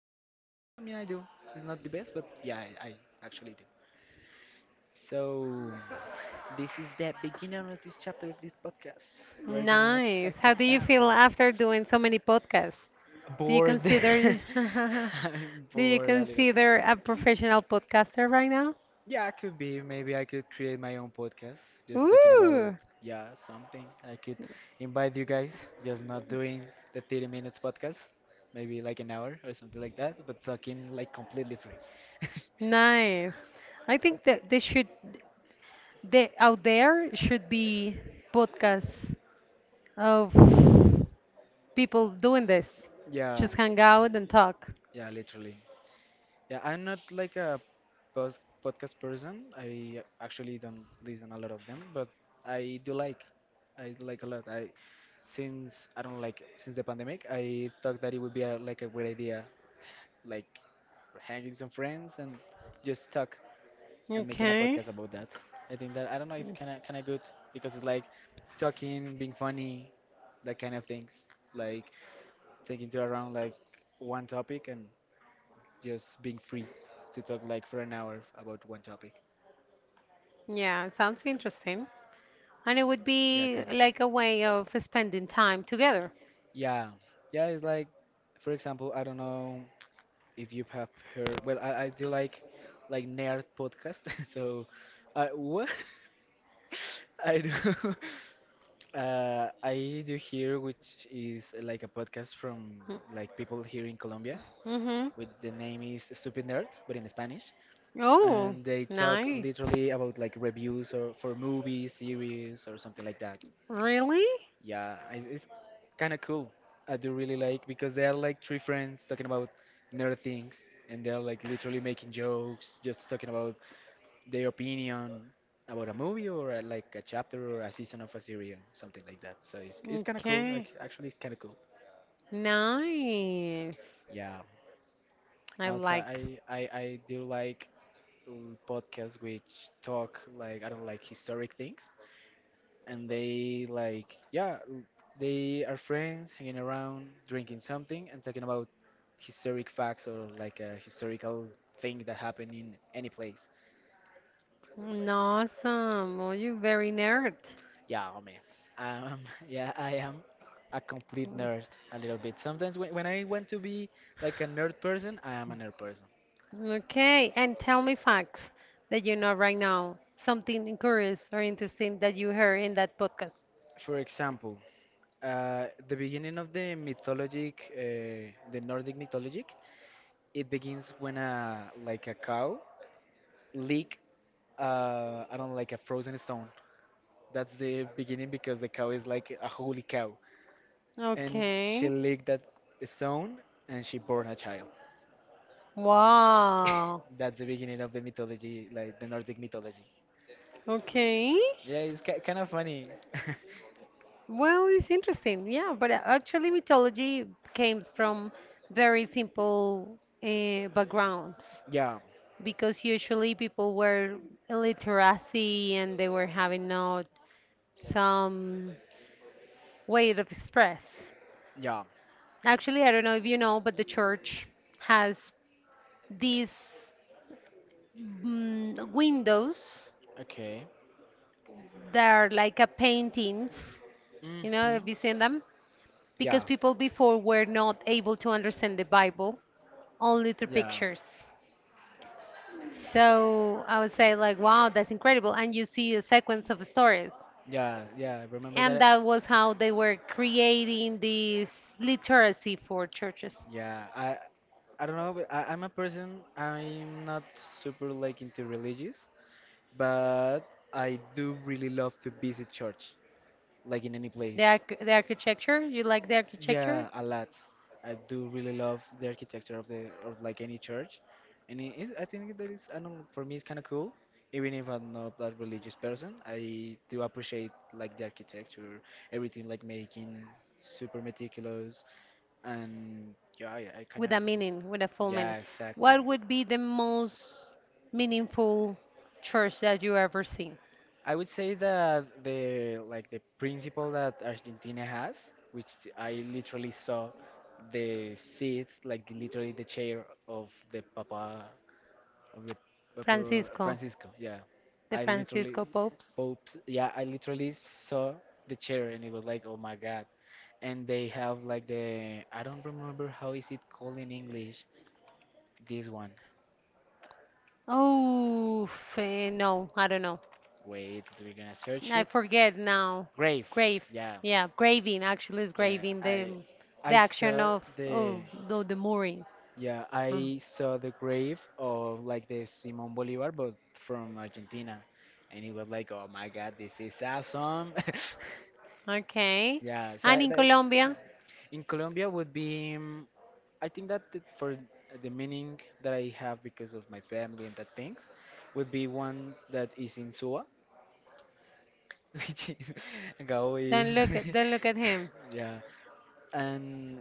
yeah. I mean, I do. It's not the best, but yeah, I actually do. So this is the beginning of this chapter of this podcast. We're gonna Nice. talk How do you about feel after doing so many podcasts? Do you bored. consider I'm do you bored a little consider bit. a professional podcaster right now? Yeah, could be. Maybe I could create my own podcast, just talking about Ooh, yeah something. I could invite you guys, just not doing the 30-minute minutes podcast, maybe like an hour or something like that, but talking like completely free. nice. I think that they should they out there should be podcasts of people doing this. Yeah, Just hang out and talk. yeah, literally. Yeah, I'm not like a post podcast person. I actually don't listen a lot of them, but I do like. I do like a lot. I since I don't like since the pandemic, I thought that it would be a, like a great idea, like hanging some friends and just talk and making a Okay. podcast about that. I think that I don't know, it's kind of good because it's like talking, being funny, that kind of things. It's like taking to around like one topic and just being free to talk like for an hour about one topic. Yeah, it sounds interesting. And it would Yeah, be kind of. like a way of spending time together. Yeah, yeah. It's like, for example, I don't know if you have heard. Well, I do like nerd podcast. So, what I do, I do here, which is like a podcast from like people here in Colombia. Mm-hmm. With the name is Stupid Nerd, but in Spanish. Oh, And they talk nice. literally about like reviews or for movies, series, or something like that. Really? It's kind of cool. I do really like because they are like three friends talking about nerd things, and they're like literally making jokes, just talking about their opinion about a movie or like a chapter or a season of a series, something like that. So it's kind of cool. Okay. Actually, it's kind of cool. Nice. Yeah. I And also, like. I do like podcasts which talk like I don't like historic things and they like yeah they are friends hanging around drinking something and talking about historic facts or like a historical thing that happened in any place Awesome. Oh, you very nerd. yeah I mean um yeah I am a complete nerd a little bit sometimes when I want to be like a nerd person I am a nerd person Okay, and tell me facts that you know right now. Something curious or interesting that you heard in that podcast. for example the beginning of the mythologic the nordic mythologic it begins when a like a cow lick I don't like a frozen stone. That's the beginning because the cow is like a holy cow, and she Okay. licked that stone and she born a child. Wow. That's the beginning of the mythology, like the Nordic mythology. Okay. Yeah, it's ki kind of funny. Well, it's interesting, yeah. But actually, mythology came from very simple backgrounds, Yeah, because usually people were illiteracy and they were having not some way of express. yeah. Actually, I don't know if you know, but the church has these windows Okay. that are like a paintings. You know, have Hmm. you seen them? Because Yeah. people before were not able to understand the Bible only through Yeah, pictures. So I would say like, wow, that's incredible. And you see a sequence of stories. yeah, yeah. Remember And that? that was how they were creating this literacy for churches. Yeah. I don't know. But I, I'm a person. I'm not super like into religious, but I do really love to visit church, like in any The, place. arch- the architecture, you like the architecture? Yeah, a lot. I do really love the architecture of the of like any church, and it is, I think that is I don't know, for me it's kind of cool. Even if I'm not that religious person, I do appreciate like the architecture, everything like making super meticulous, and yeah, I kind With of a meaning, with a full meaning. yeah exactly. What would be the most meaningful church that you ever seen? I would say that the like the principle that Argentina has, which I literally saw the seat, like literally the chair of the Papa Francisco, Francisco. Yeah, the I literally Francisco popes? Pope. Yeah, I literally saw the chair and it was like, oh my God. And they have like the I don't remember how is it called in English. This one. Oh, no, I don't know. Wait, we're gonna search I it. forget now. Grave. Grave. Yeah. Yeah, graving actually is Yeah, graving the I action saw of the oh no the mooring. yeah, Oh, I saw the grave of like the Simon Bolivar but from Argentina and it was like, "Oh my God, this is awesome." okay. Yeah, so And I, in that, Colombia, in Colombia would be I think that the, for the meaning that I have because of my family and that things would be one that is in Suba, which is Gao is don't look at him. yeah. And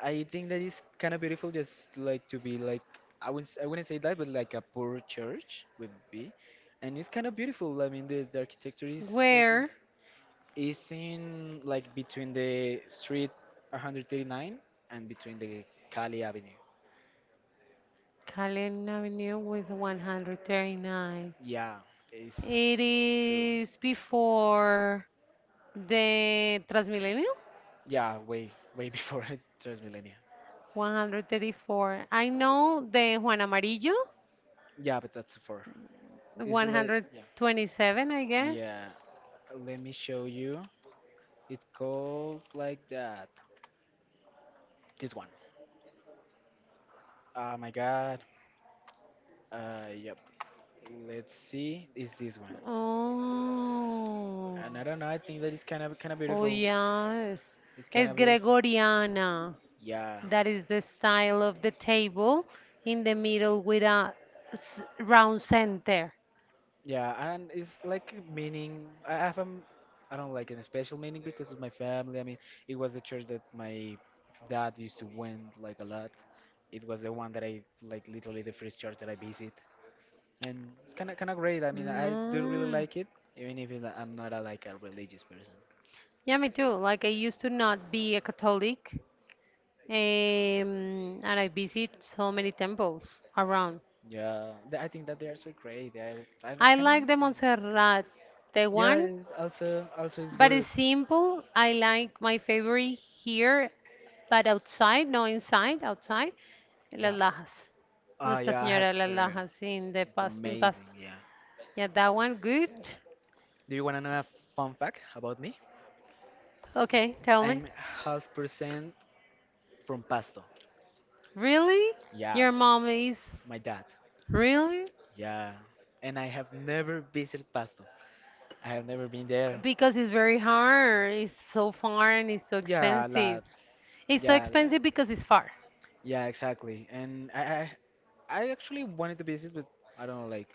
I think that is kind of beautiful, just like to be like I wouldn't say that, but like a poor church would be, and it's kind of beautiful. I mean, the architecture is like Where is in like between the street 139 and between the Cali Avenue. Calen Avenue with 139. Yeah, it's It so is before the Transmilenio. yeah, way before Transmillennium. 134. I know the Juan Amarillo, Yeah, but that's far. It's like yeah 127, I guess. yeah. Let me show you. It calls like that. This one. Oh my god. Yep. Let's see. Is this one? Oh, And I don't know. I think that is kind of oh, beautiful. yes. It's kind It's of beautiful. Gregoriana. Yeah. That is the style of the table in the middle with a round center. Yeah, and it's like a meaning. I have a, m- I don't like any special meaning because of my family. I mean, it was the church that my dad used to went like a lot. It was the one that I like literally the first church that I visit. And it's kind of great. I mean, I do really Mm. like it, even if it, I'm not a, like a religious person. Yeah, me too. Like I used to not be a Catholic, and I visit so many temples around. I think that they are so great. They are, I do I kind of like the amazing. Montserrat, the Yeah, one, it's also it's but good. it's simple. I like my favorite here, but outside, no inside, outside, Las Yeah. Lajas. Ah, Nuestra yeah, I have Señora de Las heard. Lajas in the It's past, in pasta. amazing. Yeah. Yeah, that one, good. Do you wanna know a fun fact about me? Okay, tell me. I'm half percent from Pasto. Really? Yeah, Your mom is my dad. really? Yeah, and I have never visited Pasto. I have never been there. Because it's very hard, it's so far and it's so Yeah, a expensive. lot. It's so Yeah, a lot. expensive because it's far. Yeah, exactly. And I actually wanted to visit, but I don't know, like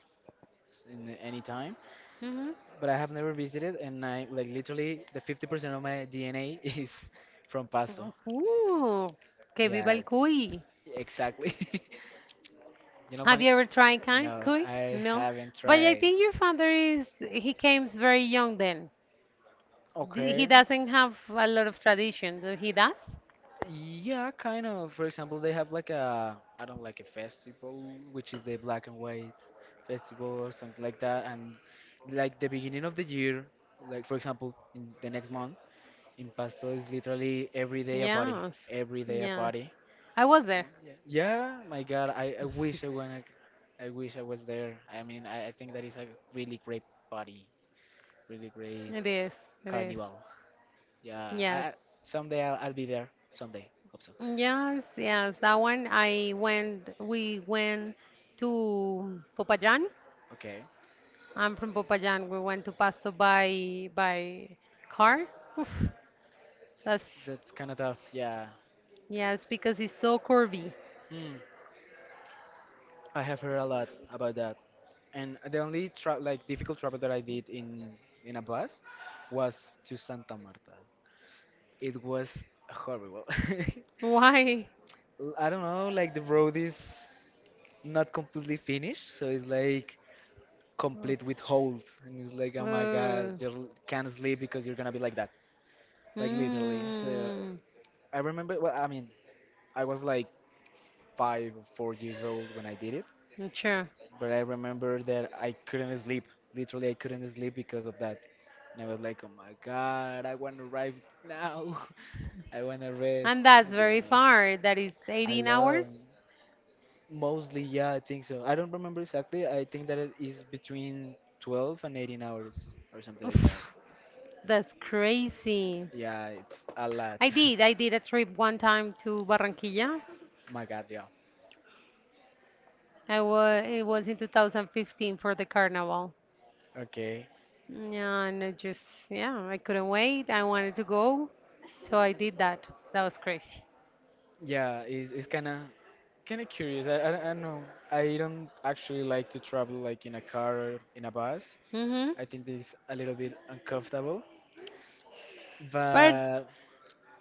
in any time. Hmm. But I have never visited, and I like literally the 50% of my DNA is from Pasto. Ooh, que viva Yeah, el it's, cuy. exactly. You know, Have funny. you ever tried cuy? No, Cuy? I No. haven't But I tried. think your father is, he came very young then. He Okay. doesn't have a lot of tradition. Do He does? Yeah, kind of. For example, they have like a I don't like a festival, which is the black and white festival or something like that. And like the beginning of the year, like for example, in the next month, in Pasto is literally every day a party, Yes. every day a Yes. party. I was And there. Yeah, yeah, my God, I wanna, I wish I was there. I mean, I think that is a really great party, really great It is. It is. carnival. Yeah, Yes. I someday I'll be there. Someday, hope so. Yes, yes. That one I went, we went to Popayan. Okay. I'm from Popayan. We went to Pasto by car. That's That's kind of tough. Yeah. yes, because he's so curvy. Hmm. I have heard a lot about that. And the only like difficult travel that I did in a bus was to Santa Marta. It was horrible. Why? I don't know, like the road is not completely finished, so it's like complete with holes, and it's like, oh my God, Uh, you can't sleep because you're gonna be like that, like literally. So mm, I remember, well, I mean, I was like 5 or 4 years old when I did it sure. but I remember that I couldn't sleep. Literally, I couldn't sleep because of that. And I was like, oh my god, I want to arrive now. I want to rest. And that's Yeah. very far. That is I 18 hours. Mostly, yeah, I think so. I don't remember exactly. I think that it is between 12 and 18 hours or something like Oof, that. that's crazy. Yeah, it's a lot. I did. I did a trip one time to Barranquilla. My God, yeah. I was. It was in 2015 for the carnival. Okay. Yeah, and I just yeah, I couldn't wait. I wanted to go, so I did that. That was crazy. Yeah, it's kind of curious. I don't know. I don't actually like to travel like in a car or in a bus. Hmm. I think it's a little bit uncomfortable. But But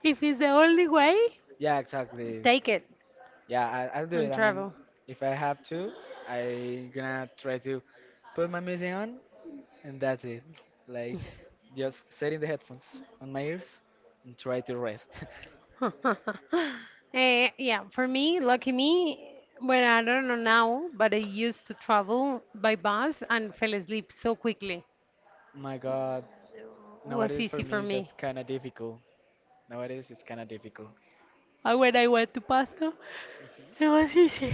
if it's the only way, yeah, exactly. take it. Yeah, I'll do it. And I mean, travel. if I have to, I gonna try to put my music on, and that's it. Like, just setting the headphones on my ears and try to rest. Yeah, for me, lucky me, well, I don't know now, but I used to travel by bus and fell asleep so quickly. my God, It was nowadays for easy for me that's me. kind of difficult. Nowadays it's kind of difficult. And when I went to Pasto, it was easy.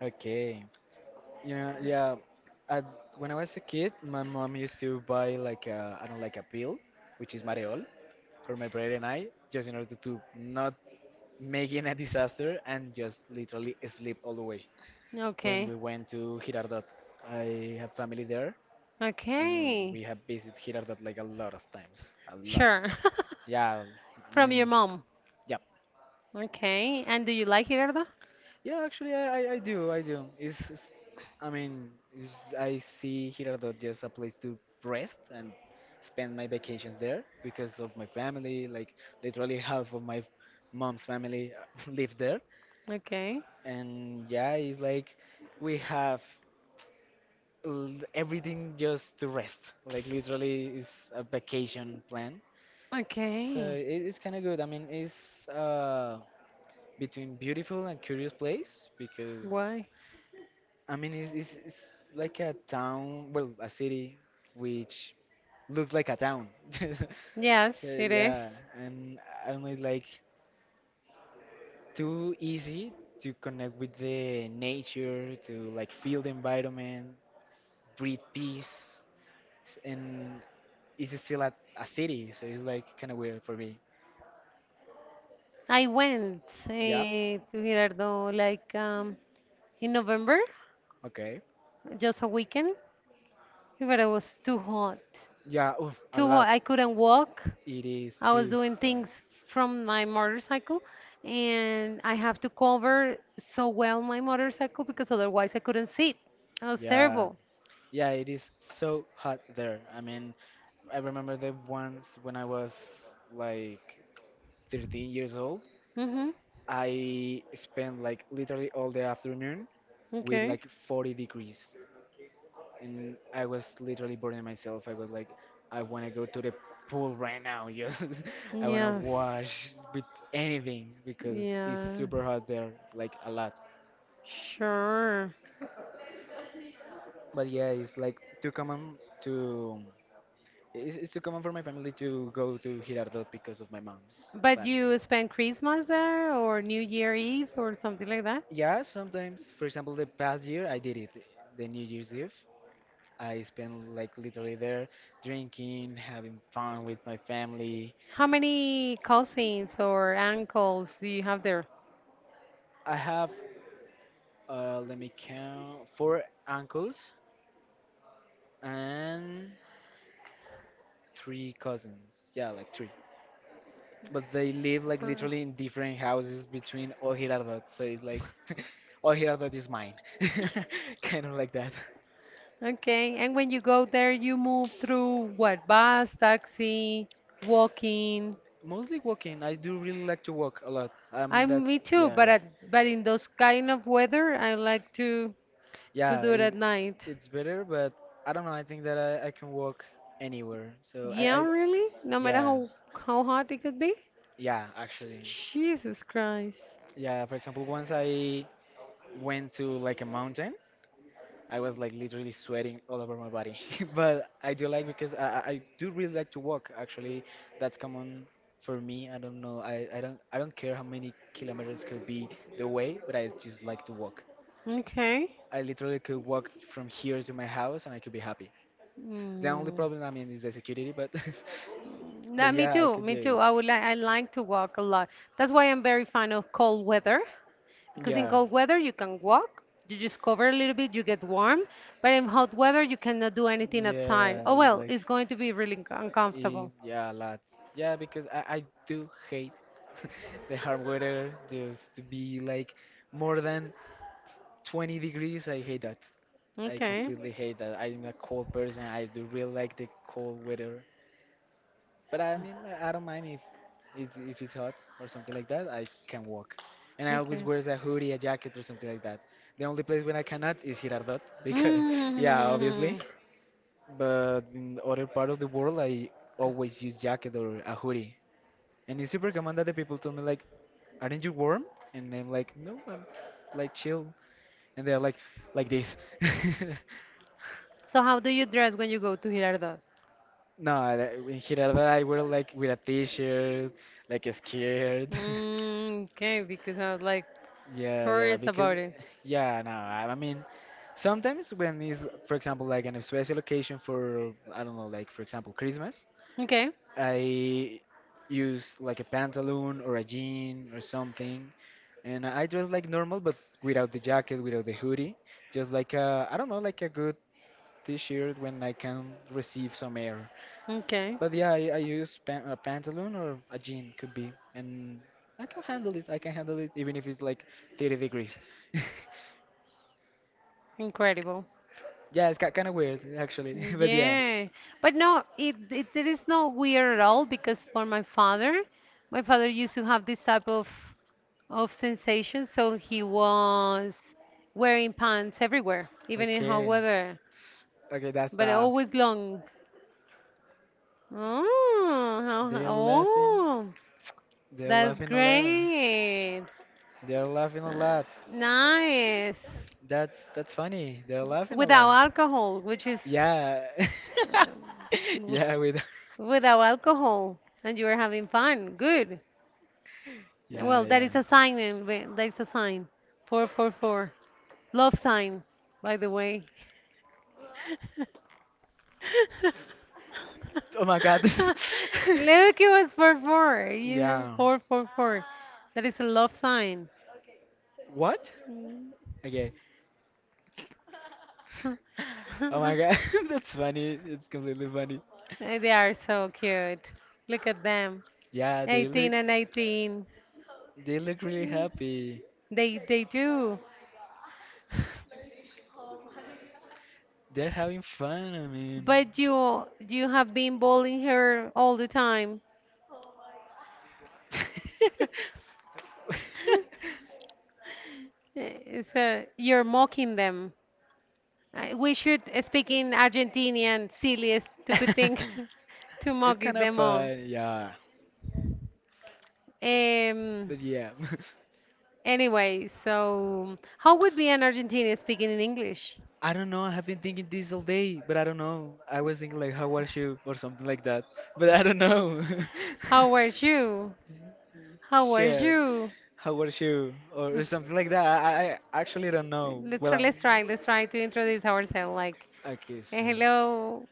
Okay. Yeah, yeah. At, when I was a kid, my mom used to buy like a, I don't know, like a pill, which is Mareol. For my brother and I, just in order to not making a disaster and just literally sleep all the way. When Okay, we went to Girardot, I have family there, and okay, we have visited Girardot like a lot of times, a lot. sure. Yeah, I From mean, your mom. yeah, Okay, and do you like it, Erda? yeah. Actually, I do, I do. It's I mean, it's, I see Girardot just a place to rest and spend my vacations there because of my family. Like literally half of my mom's family live there, Okay, and yeah, it's like we have everything just to rest. Like literally, it's a vacation plan. So okay. It's kind of good. I mean, it's between beautiful and curious place because Why? I mean it's, it's like a town, well, a city which looks like a town. Yes, it yeah, is. and I don't know, it's like too easy to connect with the nature, to like feel the environment. Breathe peace, and it's still a city, so it's like kind of weird for me. I went Yep. To Girardot like in November, Okay. just a weekend, but it was too hot. Yeah, oof, a Too lot. hot. I couldn't walk. It is I was too doing hot. things from my motorcycle, and I have to cover so well my motorcycle because otherwise I couldn't sit. That was Yeah. terrible. Yeah, it is so hot there. I mean, I remember that once when I was like 13 years old, Mm-hmm. I spent like literally all the afternoon with Okay. like 40 degrees. And I was literally burning myself. I was like, I want to go to the pool right now. Just I want to Yes. wash with anything because it's Yes. super hot there, like a lot. Sure. But yeah, it's like too common to it's too common for my family to go to Girardot because of my mom's But family. you spend Christmas there or New Year Eve or something like that? Yeah, sometimes. For example, the past year I did it, the New Year's Eve. I spent like literally there drinking, having fun with my family. How many cousins or uncles do you have there? I have. Let me count. Four uncles and three cousins. Yeah, like three. But they live like For- literally in different houses between all Girardot. So it's like all Girardot is mine. Kind of like that. Okay, and when you go there, you move through what? Bus, taxi, walking. Mostly walking. I do really like to walk a lot. I'm That me too, Yeah, but in those kind of weather, I like to yeah. do it at night. It's better, but I don't know. I think that I can walk anywhere. So Yeah, I really? No matter yeah, how hot it could be? yeah. Actually, Jesus Christ. yeah. For example, once I went to like a mountain. I was like literally sweating all over my body. But I do like because I do really like to walk. Actually, that's common for me. I don't know. I don't care how many kilometers could be the way, but I just like to walk. Okay. I literally could walk from here to my house, and I could be happy. The only Mm. problem, I mean, is the security, but but No, me yeah, I too, could me do too. it. I like to walk a lot. That's why I'm very fan of cold weather, because in Yeah. cold weather you can walk, you just cover a little bit, you get warm, but in hot weather you cannot do anything outside. Yeah, Oh it's well, like. it's going to be really uncomfortable. Is, yeah, a lot. Yeah, because I do hate the hard weather. Just to be like more than 20 degrees, I hate that. I Okay, completely hate that. I'm a cold person. I do really like the cold weather. But I mean, I don't mind if it's hot or something like that. I can walk, and I always okay. wears a hoodie, a jacket, or something like that. The only place when I cannot is Girardot because yeah, obviously, Mm. but in other part of the world, I always use jacket or a hoodie. And it's super common that the people told me like, "Aren't you warm?" And I'm like, "No, I'm like chill." And they're like this. So how do you dress when you go to Girardot? No, in Girarda I wear like with a t-shirt, like a skirt. Okay, because I was like Yeah, yeah, curious because about it. yeah, no, I mean, sometimes when it's, for example, like an special occasion for, I don't know, like for example, Christmas, Okay, I use like a pantaloon or a jean or something, and I dress like normal but without the jacket, without the hoodie, just like a, I don't know, like a good t-shirt when I can receive some air. okay, But yeah, I use pan a pantaloon or a jean could be, and I can handle it. I can handle it even if it's like 30 degrees. incredible. Yeah, it's kind of weird actually, but yeah. Yeah, but no, it is not weird at all because for my father used to have this type of sensation, so he was wearing pants everywhere, even in hot Okay. weather, Okay, that's but tough. always long. Oh, how- They're laughing. oh, They're that's laughing a lot. great. They're laughing a Uh, lot. Nice. That's funny. They're laughing a Without lot. alcohol, which is Yeah. uh, w- Yeah, we don't- without alcohol, and you were having fun. Good. yeah, Well, yeah. There is a sign. 444. Love sign, by the way. Oh my God. Look, it was four, four, Yeah. 444. That is a love sign. What? Okay. Oh my God. That's funny. It's completely funny. They are so cute. Look at them. Yeah, they look 18 and 18. they look really happy. They do. They're having fun, I mean. But you have been bullying her all the time. So you're mocking them. We should speak in Argentinian, silly, stupid thing to It's mock kind of them all. fun, yeah. Um, But yeah. anyway, so how would be an Argentinian speaking in English? I don't know. I have been thinking this all day, but I don't know. I was thinking like, how was you or something like that, but I don't know. How were you? How were Shit, you? how was you or something like that. I actually don't know. Let's Well, try, I'm let's try, let's try to introduce ourselves. Like, okay. So, hello,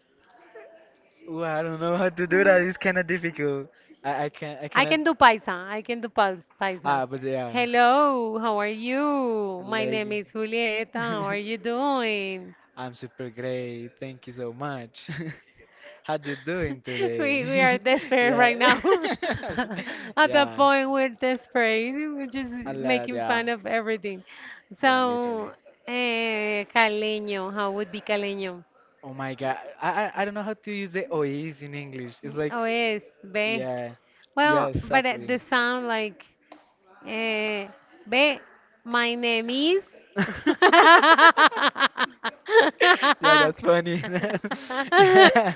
Ooh, I don't know how to do that. It's kind of difficult. I I cannot. can do paisa. I can do paisa. Ah, but yeah, Hello, how are you? My name like. is Julieta. How are you doing? I'm super great. Thank you so much. How you doing we today? we are desperate Yeah. right now. At that Yeah. point, we're desperate. We're just A lot, making yeah. fun of everything. Yeah, literally. So, caleño, how would be caleño? Oh my god. I don't know how to use the OEs in English. It's like O es ve. yeah. Yeah, Well, but the exactly. sound like, eh, ve, my name is. And Yeah, that's funny. Yeah.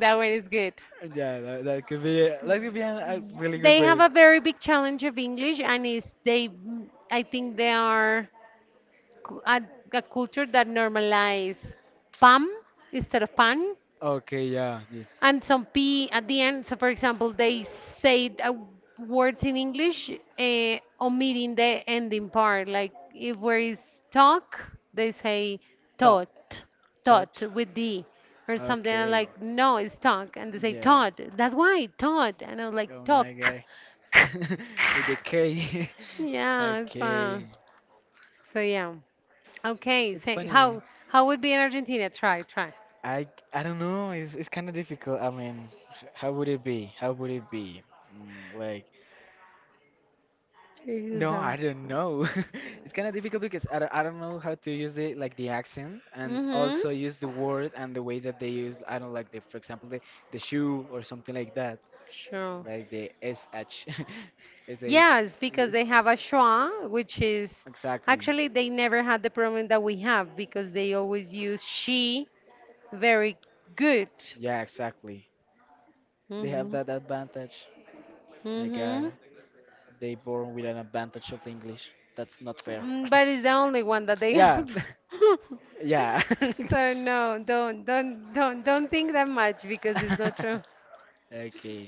that one is good. Yeah, that could be a really good They way. have a very big challenge of English, and is they, I think they are cu- a, a culture that normalize pam instead of pan, Okay, yeah. Yeah. and some p at the end. So, for example, they say words in English omitting the ending part. Like if where is talk, they say Talk. taught, Touch. tot" with d. Or something I'm Okay. like no, it's talk, and they say Yeah. taught. That's why taught, and I'm like Oh my talk. god. With the K. Yeah, Okay. so yeah. Okay, It's say how funny. how would be in Argentina? Try, try. I I don't know. It's kind of difficult. I mean, how would it be? How would it be? Mm, like no, I don't Mm-hmm. know. It's kind of difficult because I don't know how to use it like the accent and also use the word and the way that they use. I don't like the, for example, the shoe or something like that. Sure. Like the SH, SH, Yes, because they have a schwa, which is exactly. actually they never had the problem that we have because they always use she very good. Yeah, exactly. They have Mm-hmm. that advantage. My God, Mm-hmm. they born with an advantage of English. That's not fair. But it's the only one that they Yeah, have. yeah. So no, don't think that much because it's not true. Okay,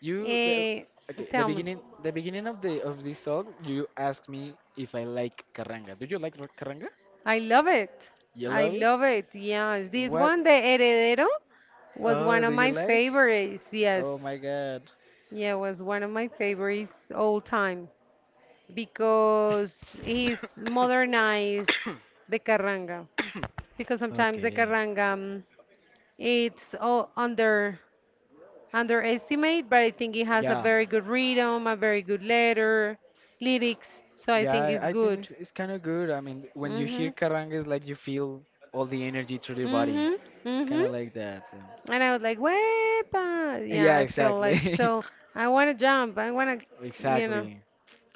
you. Well, Eh, Okay, the tell me. beginning, of this song, you asked me if I like carranga. Do you like carranga? I love it. You I love it? love it. Yes, this What? one, the Heredero, was Oh, one do of you my like? favorites. Oh my Yes, God. yeah, was one of my favorites all time because he's modernized the carranga. Because sometimes the carranga, it's all underestimate, but I think it has a Yeah. very good rhythm, a very good letter, lyrics. So I think Yeah, it's I think good. it's kind of good. I mean, when you hear Mhm. carranga, it's like you feel all the energy through your body. Mhm. It's kind Mhm. of like that. So. And I was like, Wepa! Yeah, Yeah, I feel like exactly. so. I want to jump. I want to, Exactly.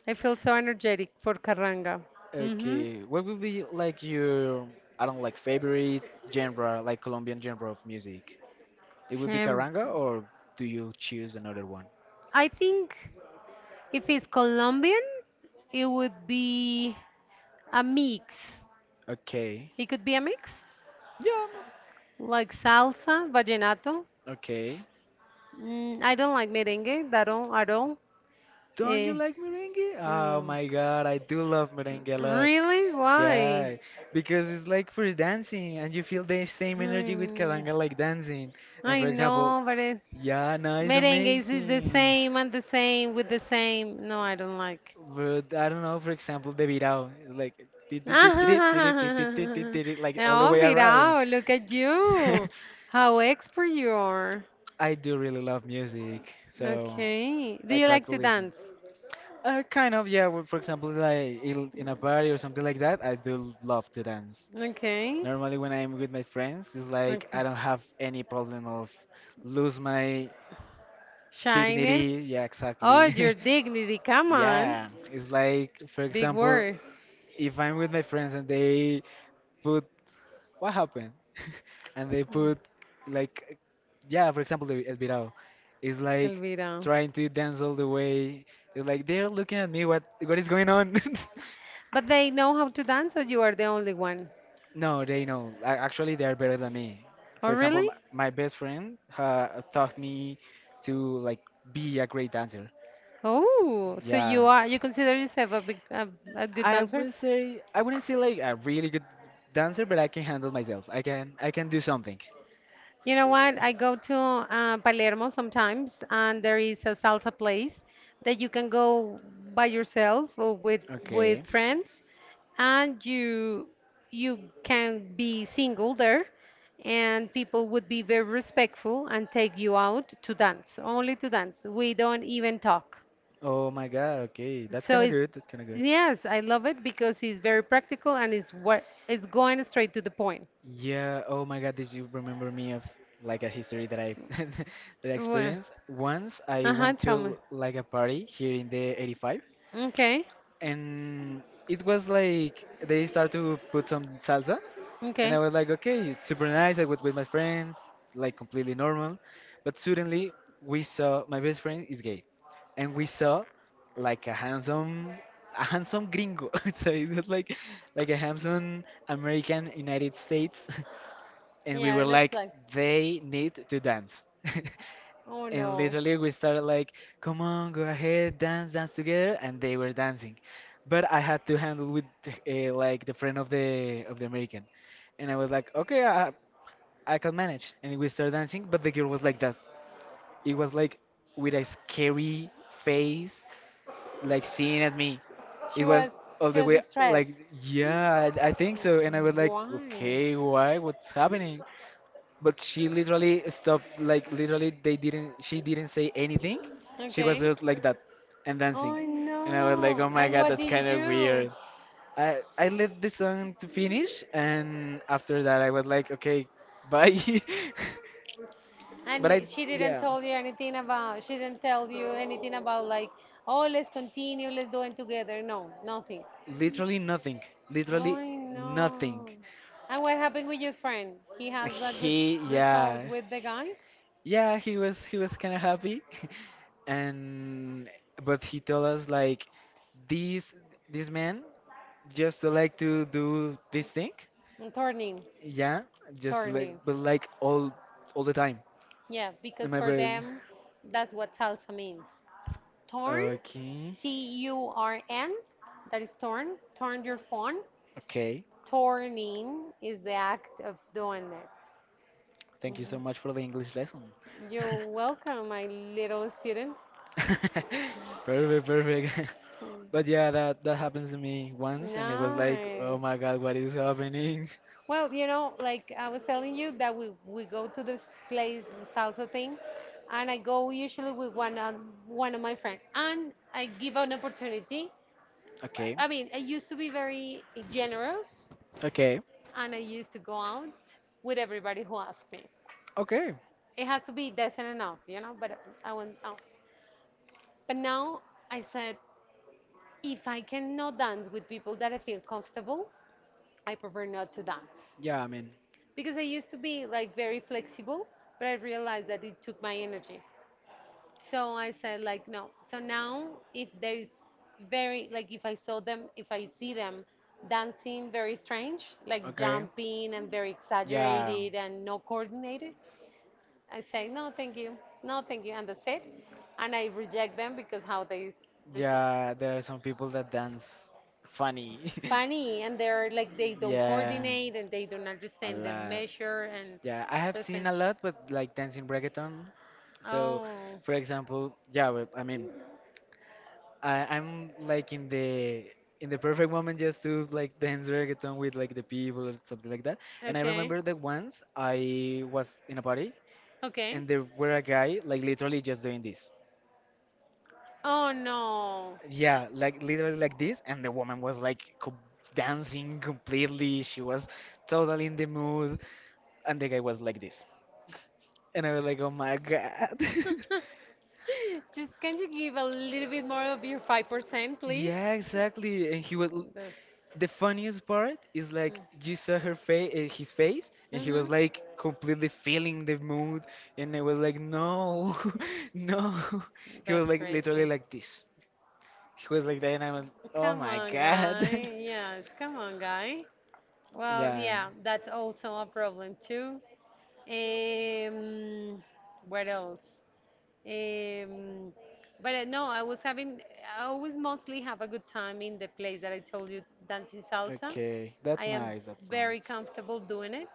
I feel so energetic for Carranga. Mm-hmm. Okay, what would be like your, I don't like favorite genre, like Colombian genre of music? It would be Champ. carranga, or do you choose another one? I think if it's Colombian, it would be a mix. Okay. It could be a mix, Yeah. like salsa, vallenato. Okay. I don't like merengue that all, at all. Don't you I like merengue? don't Oh know. my god, I do love merengue a lot. Really? Why? Yeah, because it's like for dancing and you feel the same energy with Hmm. karanga like dancing. And for I example, know, but yeah, no, it's Merengues is the amazing. same and the same with the same. No, I don't like. But I don't know, for example, the virao is like ti- ti- ti- ti- ti- ti- ti- ti- ti- ti- ti- ti- like all the Oh, way around. Virao, look at you. How expert you are. I do really love music, so Okay. Do I you try like to to listen. dance? Kind of, yeah. Well, for example, like in a party or something like that, I do love to dance. Okay. Normally, when I'm with my friends, it's like Okay. I don't have any problem of lose my Shyness. dignity. Yeah, Oh, your exactly. dignity. Come on. Yeah, it's like, for Big example, word, if I'm with my friends and they put what happened, and they put like, yeah, for example, the El Virao, is like Elvira. trying to dance all the way. It's like they're looking at me. What is going on? But they know how to dance, or you are the only one? No, they know. Actually, they're better than me. Oh, For example, my, really? my best friend taught me to like be a great dancer. Oh, so you Yeah. are, you consider yourself a big, a good dancer? I wouldn't say like a really good dancer, but I can handle myself. I can do something. You know what? I go to Palermo sometimes, and there is a salsa place that you can go by yourself or with Okay. Friends, and you can be single there, and people would be very respectful and take you out to dance, only to dance. We don't even talk. Oh my God. Okay, that's So kind of it's good. That's kind of good. yes, I love it because it's very practical and it's what it's going straight to the point. Yeah, oh my God, did you remember me of like a history that I that I Well, experienced? Once I uh-huh, went tell me. to like a party here in the 85, Okay, and it was like they start to put some salsa, and okay. I was like, okay, it's super nice. I was with my friends, like completely normal. But suddenly we saw my best friend is gay, and we saw like a handsome gringo. So it was like a handsome American United States. And we Yeah, were it looks like, like. they need to dance. Oh And no. literally we started like, come on, go ahead, dance, dance together, and they were dancing, but I had to handle with like the friend of the American, and I was like, okay, I can manage, and we started dancing, but the girl was like that. It was like with a scary face, like seeing at me. It She was was all she the was way stressed. like, yeah, I think so, and I was like, Why? okay, why, what's happening? But she literally stopped. Like literally, they didn't she didn't say anything. She was Okay. just like that, and Oh dancing, and I was like, no. oh my And god, what that's did you kind of do? weird. I let the song to finish, and after that I was like, okay, bye. But I, And yeah, she didn't tell you anything about like, oh let's continue, let's do it together. No, nothing. literally nothing, Oh literally nothing. no. And what happened with your friend? He has a good He result Yeah, with the guy? yeah, he was kind of happy, and but he told us like, these this man just like to do this thing, Turning. yeah, just like Turning. but like all the time. Yeah, And because my for brother, them, that's what salsa means. Torn, okay, Turn, that is torn. Torn your phone. okay, Torning is the act of doing it. thank you so much for the English lesson. You're welcome, my little student. Perfect, perfect. Mm. But yeah, that happens to me once, and it was like, oh my Nice. God, what is happening? Like I was telling you that we go to this place, the salsa thing, and I go usually with one of my friends, and I give an opportunity. Okay. I mean, I used to be very generous Okay. and I used to go out with everybody who asked me. Okay. It has to be decent enough, you know, but I went out. But now I said, if I cannot dance with people that I feel comfortable, I prefer not to dance. Yeah, I mean. Because I used to be like very flexible, but I realized that it took my energy. So I said, like, no. So now if there is very, like, if I see them dancing very strange, like Okay. jumping and very Yeah. exaggerated and not coordinated, I say, no, thank you, no, thank you, and that's it. And I reject them because they see. Yeah, there are some people that dance funny. Funny, and they're like, they don't Yeah. coordinate and they don't A understand the lot. measure. And Yeah, I have so I say, seen a lot with like dancing reggaeton. So, oh, for example, yeah, well, I mean, I'm like in the perfect moment just to like dance reggaeton with like the people or something like that. And I okay, remember that once I was in a party, okay. and there were a guy like literally just doing this. Oh, no. Yeah, like literally like this, and the woman was like co dancing completely. She was totally in the mood, and the guy was like this. And I was like, oh my God. Just can you give a little bit more of your 5%, please? Yeah, exactly. And he was That's, The funniest part is like you saw her face, his face, and he was mm-hmm. like completely feeling the mood, and I was like, no, no. He was That's like literally crazy. like this. He was like that, and I went, oh Come my on, god. guy. Yes, come on, guy. Well, Yeah. yeah, that's also a problem too. Um, what else? Um, but no, I always mostly have a good time in the place that I told you, dancing salsa. Okay, I that's am nice. That's nice. very comfortable doing it.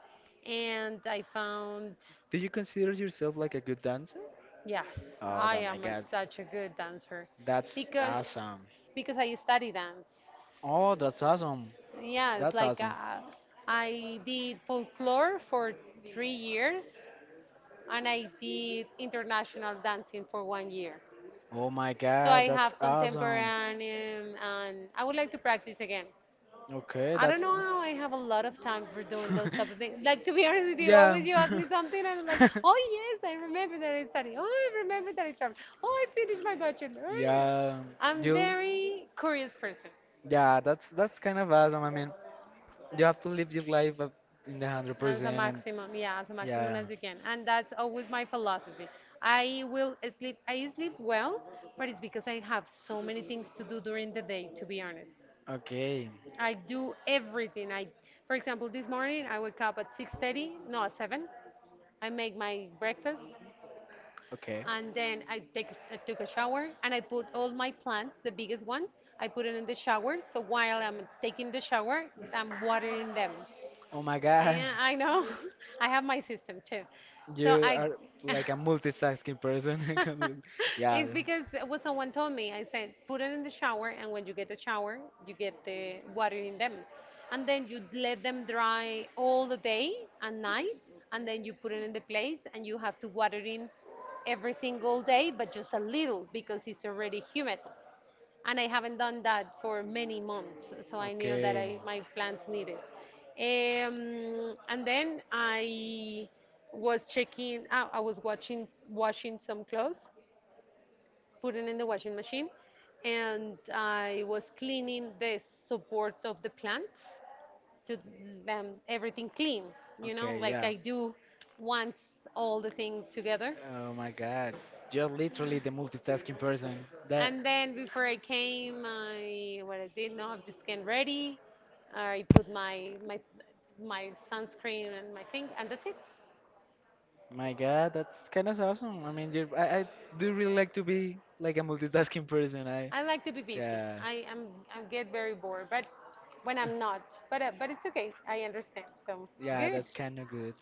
And I found, Do you consider yourself like a good dancer? yes, Oh, I my am a, god. such a good dancer That's because awesome. I study dance. Oh, that's awesome. Yes, That's like awesome. uh, I did folklore for 3 years and I did international dancing for 1 year. Oh my So god, I that's have contemporary awesome. And I would like to practice again. Okay, I don't that's. know how I have a lot of time for doing those type of things. Like to be honest with you, Yeah. always you ask me something and I'm like, oh yes, I remember that I studied. Oh, I remember that I traveled. Oh, I finished my bachelor. Oh, yeah. Yeah, I'm you. very curious person. Yeah, that's kind of awesome. I mean, you have to live your life up in the hundred As a percent, and maximum, yeah, as a maximum yeah. as you can. And that's always my philosophy. I sleep well, but it's because I have so many things to do during the day, to be honest. Okay. I do everything. For example, this morning I wake up at 6:30, no, at 7. I make my breakfast Okay. and then I took a shower and I put all my plants, the biggest one, I put it in the shower. So while I'm taking the shower, I'm watering them. Oh my god. And I know I have my system too. So You I, are like a multitasking person. Yeah. it's because what someone told me. I said, put it in the shower, and when you get the shower, you get the water in them. And then you let them dry all the day and night, and then you put it in the place, and you have to water in every single day, but just a little because it's already humid and I haven't done that for many months. So I knew that Okay. I, my plants needed. And then I was watching washing some clothes, putting in the washing machine, and I was cleaning the supports of the plants to them everything clean. You know, Okay, like yeah. I do once all the thing together. Oh my god. You're literally the multitasking person. That. And then before I came, I what I did, no, I've just get ready. I put my sunscreen and my thing, and that's it. My God, that's kind of awesome. I mean, you I do really like to be like a multitasking person. I like to be busy. Yeah. I get very bored, but when I'm not, but it's okay. I understand. So Yeah, good. that's kind of good.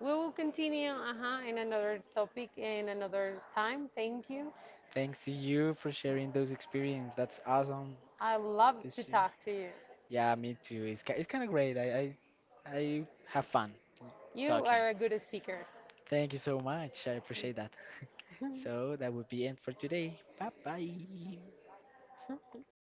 We will continue uh-huh, in another topic in another time. Thank you. Thanks to you for sharing those experiences. That's awesome. I love to This year. talk to you. Yeah, me too. It's kind of great. I have fun You talking. are a good speaker. Thank you so much. I appreciate that. So that would be end for today. Bye bye.